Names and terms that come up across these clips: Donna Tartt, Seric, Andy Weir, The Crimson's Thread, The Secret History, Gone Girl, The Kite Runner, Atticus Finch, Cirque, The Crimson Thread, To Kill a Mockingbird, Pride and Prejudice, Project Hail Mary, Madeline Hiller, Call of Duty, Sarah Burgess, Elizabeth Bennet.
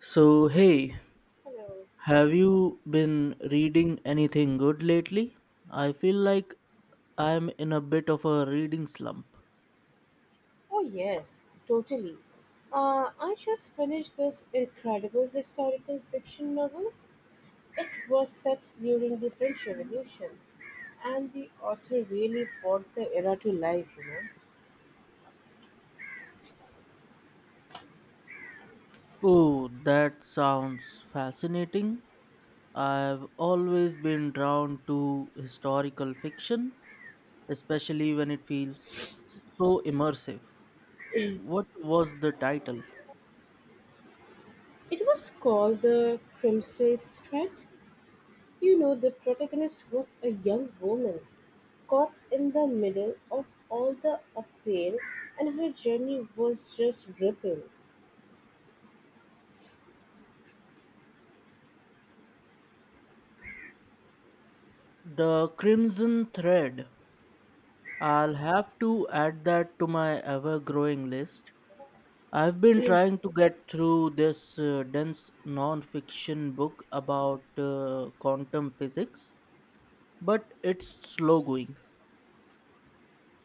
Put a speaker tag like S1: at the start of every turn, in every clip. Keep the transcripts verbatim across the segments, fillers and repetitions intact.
S1: So, hey,
S2: Hello.
S1: have you been reading anything good lately? I feel like I'm in a bit of a reading slump.
S2: Oh, yes, totally. Uh, I just finished this incredible historical fiction novel. It was set during the French Revolution, and the author really brought the era to life, you know.
S1: Oh, that sounds fascinating. I've always been drawn to historical fiction, especially when it feels so immersive. What was the title?
S2: It was called The Crimson's Thread. You know, the protagonist was a young woman caught in the middle of all the upheaval, and her journey was just gripping.
S1: The Crimson Thread. I'll have to add that to my ever growing list. I've been trying to get through this uh, dense non-fiction book about uh, quantum physics, but it's slow going.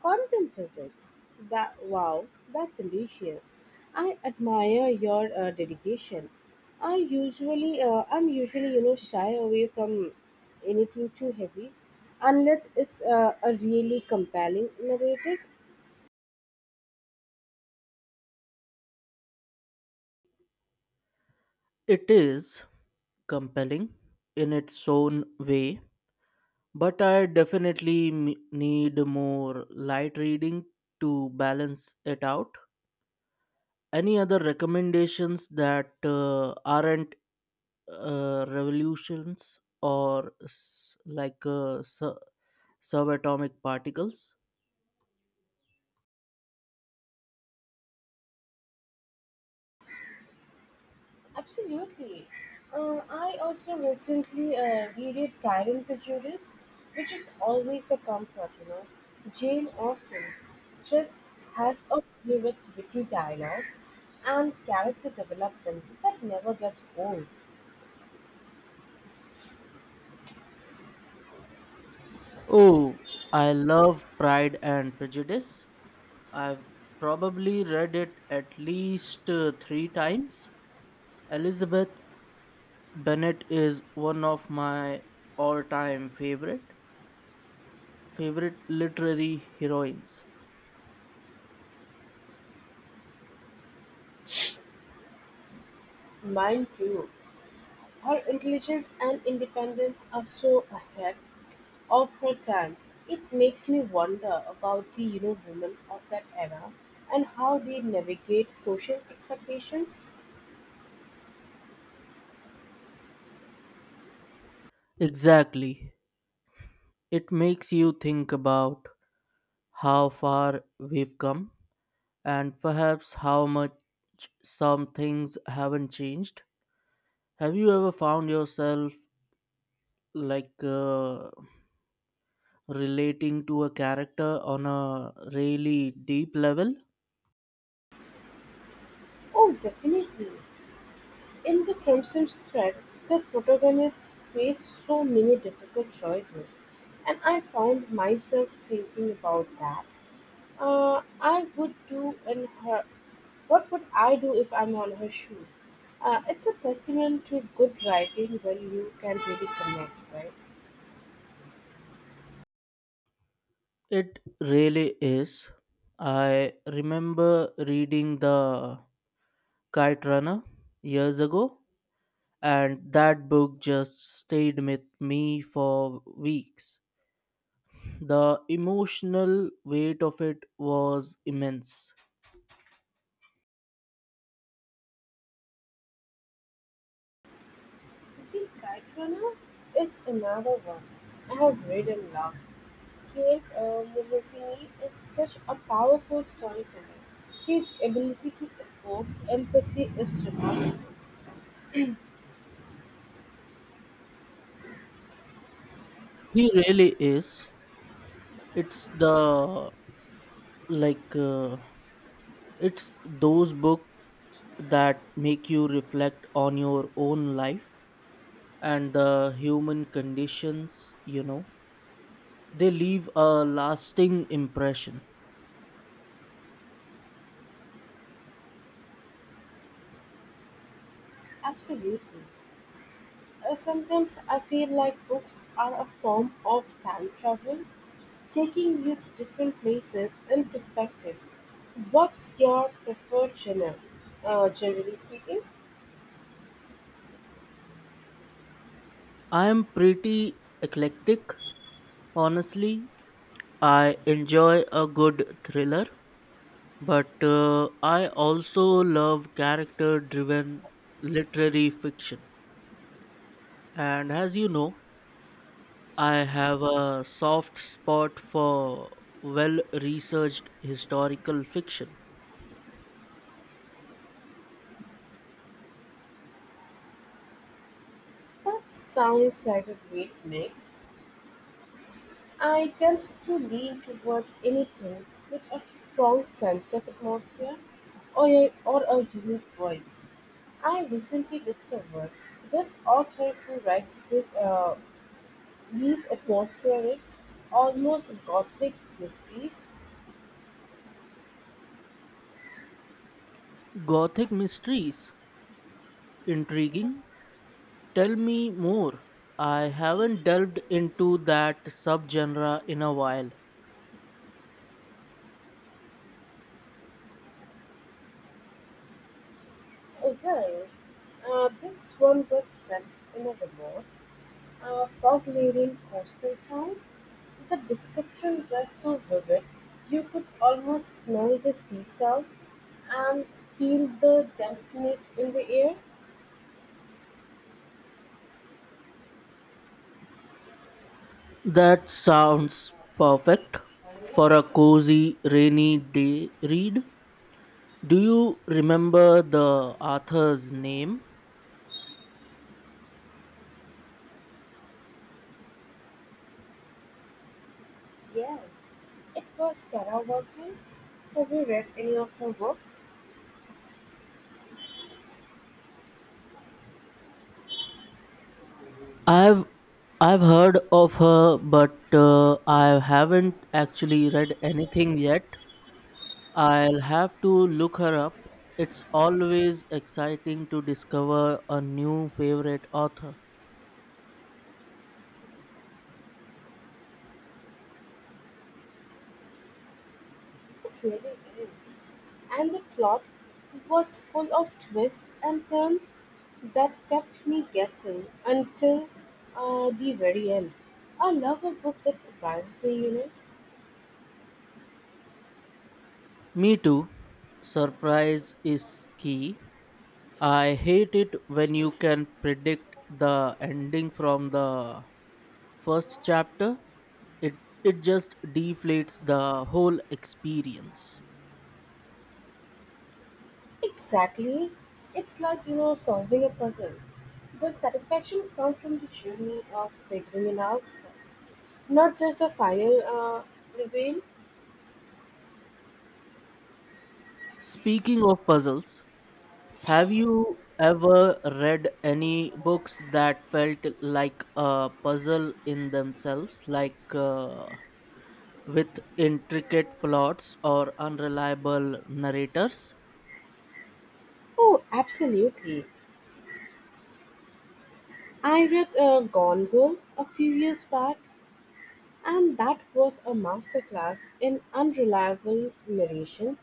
S2: Quantum physics. That wow, that's ambitious. I admire your uh, dedication. I usually, uh, I'm usually, you know, shy away from anything too heavy, unless it's uh, a really compelling narrative.
S1: It is compelling in its own way, but I definitely m- need more light reading to balance it out. Any other recommendations that uh, aren't uh, revolutions or s- like uh, su- subatomic particles?
S2: Absolutely. Uh, I also recently uh, reread Pride and Prejudice, which is always a comfort, you know. Jane Austen just has a play with witty dialogue and character development that never gets old.
S1: Oh, I love Pride and Prejudice. I've probably read it at least uh, three times. Elizabeth Bennet is one of my all-time favorite favorite literary heroines.
S2: Mine too. Her intelligence and independence are so ahead of her time. It makes me wonder about the you know women of that era and how they navigate social expectations.
S1: Exactly. It makes you think about how far we've come and perhaps how much some things haven't changed. Have you ever found yourself like uh, relating to a character on a really deep level?
S2: Oh, definitely. In The Crimson Thread, the protagonist faced so many difficult choices, and I found myself thinking about that. Uh, I would do in her. What would I do if I'm on her shoe? Uh, it's a testament to good writing when you can really connect, right?
S1: It really is. I remember reading The Kite Runner years ago, and that book just stayed with me for weeks. The emotional weight of it was immense.
S2: The Kite Runner is another one I have read and loved. Kate uh, Minogue is such a powerful storyteller. His ability to evoke empathy is remarkable.
S1: He really is. It's the, like uh, it's those books that make you reflect on your own life and the human conditions, you know. They leave a lasting impression.
S2: Absolutely. Uh, sometimes I feel like books are a form of time travel, taking you to different places and perspective. What's your preferred genre? Uh, generally speaking,
S1: I am pretty eclectic, honestly. I enjoy a good thriller, but uh, I also love character driven literary fiction. And as you know, I have a soft spot for well researched historical fiction.
S2: that sounds like a great mix. I tend to lean towards anything with a strong sense of atmosphere. Or a or a unique voice. I recently discovered this author who writes this uh, these atmospheric, almost gothic mysteries.
S1: Gothic mysteries. Intriguing. Tell me more. I haven't delved into that subgenre in a while.
S2: Oh, well, uh, this one was set in a remote, uh, fog-laden coastal town. The description was so vivid, you could almost smell the sea salt and feel the dampness in the air.
S1: That sounds perfect for a cozy rainy day read. Do you remember the author's name?
S2: Yes, it was Sarah Burgess. Have you read any of her books?
S1: I've I've heard of her, but uh, I haven't actually read anything yet. I'll have to look her up. It's always exciting to discover a new favorite author.
S2: It really is. And the plot was full of twists and turns that kept me guessing until uh, the very end. I love a book that surprises me, you know.
S1: Me too. Surprise is key. I hate it when you can predict the ending from the first chapter. It it just deflates the whole experience.
S2: Exactly. It's like, you know, solving a puzzle. The satisfaction comes from the journey of figuring it out, not just the final uh, reveal.
S1: Speaking of puzzles, have you ever read any books that felt like a puzzle in themselves, like uh, with intricate plots or unreliable narrators?
S2: Oh, absolutely. I read a "Gone Girl" a few years back and that was a masterclass in unreliable narration.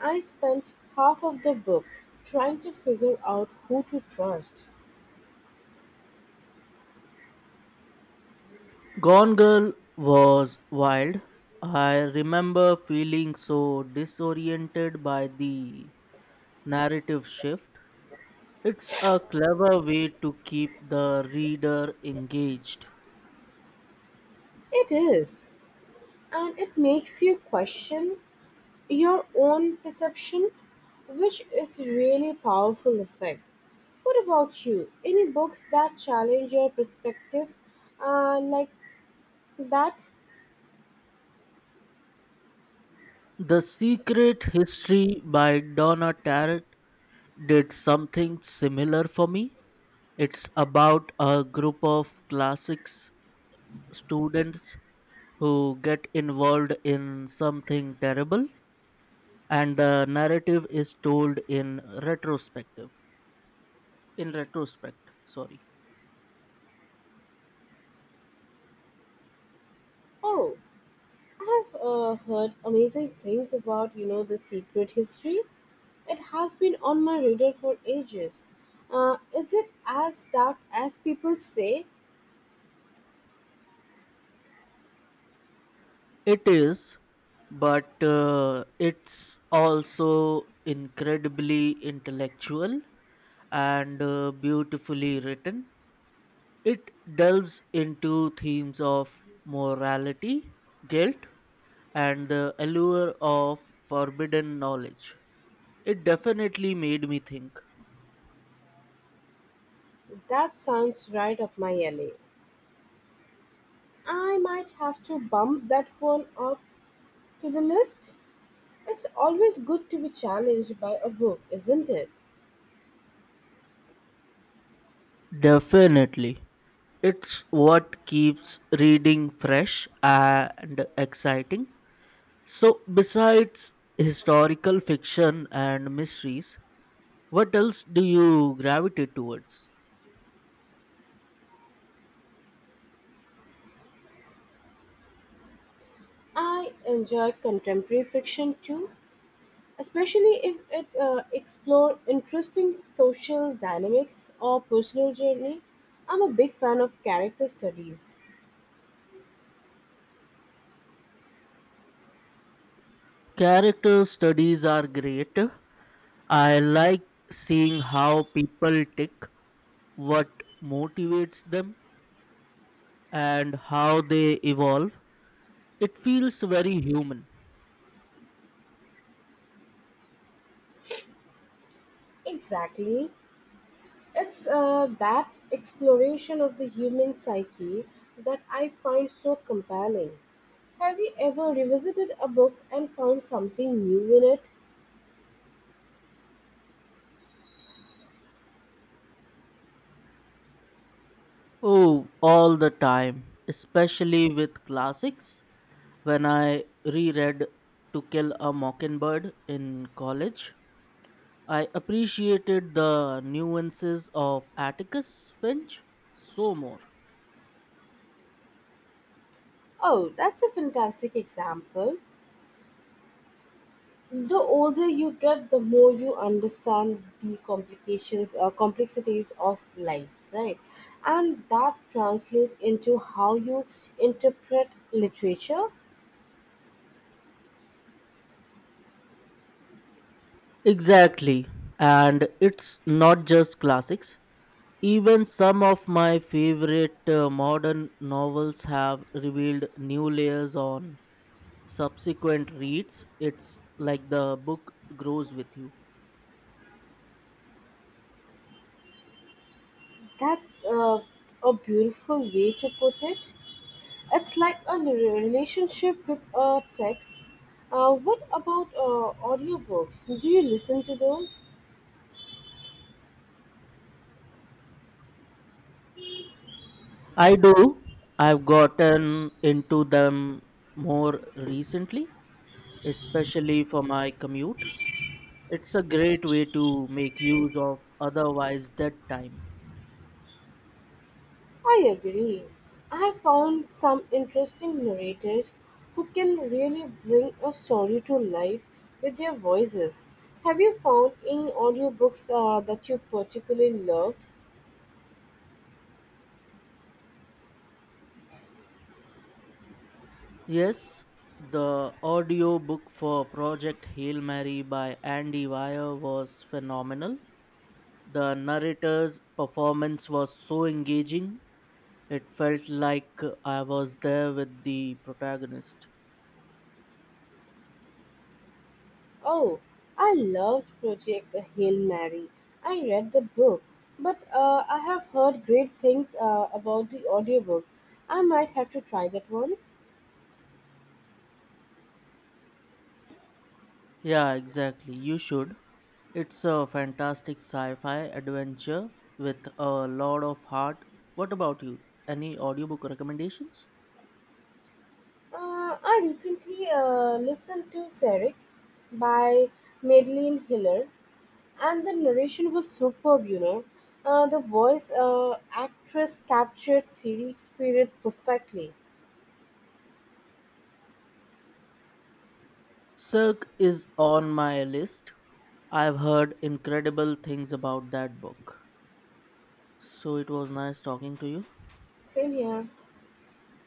S2: I spent half of the book trying to figure out who to trust.
S1: Gone Girl was wild. I remember feeling so disoriented by the narrative shift. It's a clever way to keep the reader engaged.
S2: It is, and it makes you question your own perception, which is really powerful effect. What about you? Any books that challenge your perspective uh, like that?
S1: The Secret History by Donna Tartt did something similar for me. It's about a group of classics students who get involved in something terrible, and the narrative is told in retrospective, in retrospect, sorry.
S2: Oh, I have uh, heard amazing things about, you know, the secret history. It has been on my radar for ages. Uh, is it as dark as people say?
S1: It is, but uh, it's also incredibly intellectual and uh, beautifully written. It delves into themes of morality, guilt, and the allure of forbidden knowledge. It definitely made me think.
S2: That sounds right up my alley. I might have to bump that one up to the list. It's always good to be challenged by a book, isn't it?
S1: Definitely. It's what keeps reading fresh and exciting. So, besides historical fiction and mysteries, what else do you gravitate towards?
S2: I enjoy contemporary fiction too, especially if it uh, explore interesting social dynamics or personal journey. I'm a big fan of character studies.
S1: Character studies are great. I like seeing how people tick, what motivates them, and how they evolve. It feels very human.
S2: Exactly. It's uh, that exploration of the human psyche that I find so compelling. Have you ever revisited a book and found something new in it?
S1: Oh, all the time, especially with classics. When I reread To Kill a Mockingbird in college, I appreciated the nuances of Atticus Finch so more.
S2: Oh, that's a fantastic example. The older you get, the more you understand the complications, uh, complexities of life, right? And that translates into how you interpret literature.
S1: Exactly. And it's not just classics. Even some of my favorite uh, modern novels have revealed new layers on subsequent reads. It's like the book grows with you.
S2: That's uh, a beautiful way to put it. It's like a re- relationship with a text. Uh, what about uh, audiobooks? Do you listen to those?
S1: I do. I've gotten into them more recently, especially for my commute. It's a great way to make use of otherwise dead time.
S2: I agree. I have found some interesting narrators who can really bring a story to life with their voices. Have you found any audiobooks uh, that you particularly loved?
S1: Yes, the audiobook for Project Hail Mary by Andy Weir was phenomenal. The narrator's performance was so engaging. It felt like I was there with the protagonist.
S2: Oh, I loved Project Hail Mary. I read the book, but uh, I have heard great things uh, about the audiobooks. I might have to try that one.
S1: Yeah, exactly. You should. It's a fantastic sci fi adventure with a lot of heart. What about you? Any audiobook recommendations?
S2: Uh, I recently uh, listened to Seric by Madeline Hiller, and the narration was superb you know uh, The voice uh, actress captured Siri's spirit perfectly.
S1: Cirque is on my list. I've heard incredible things about that book. So it was nice talking to you.
S2: Same here.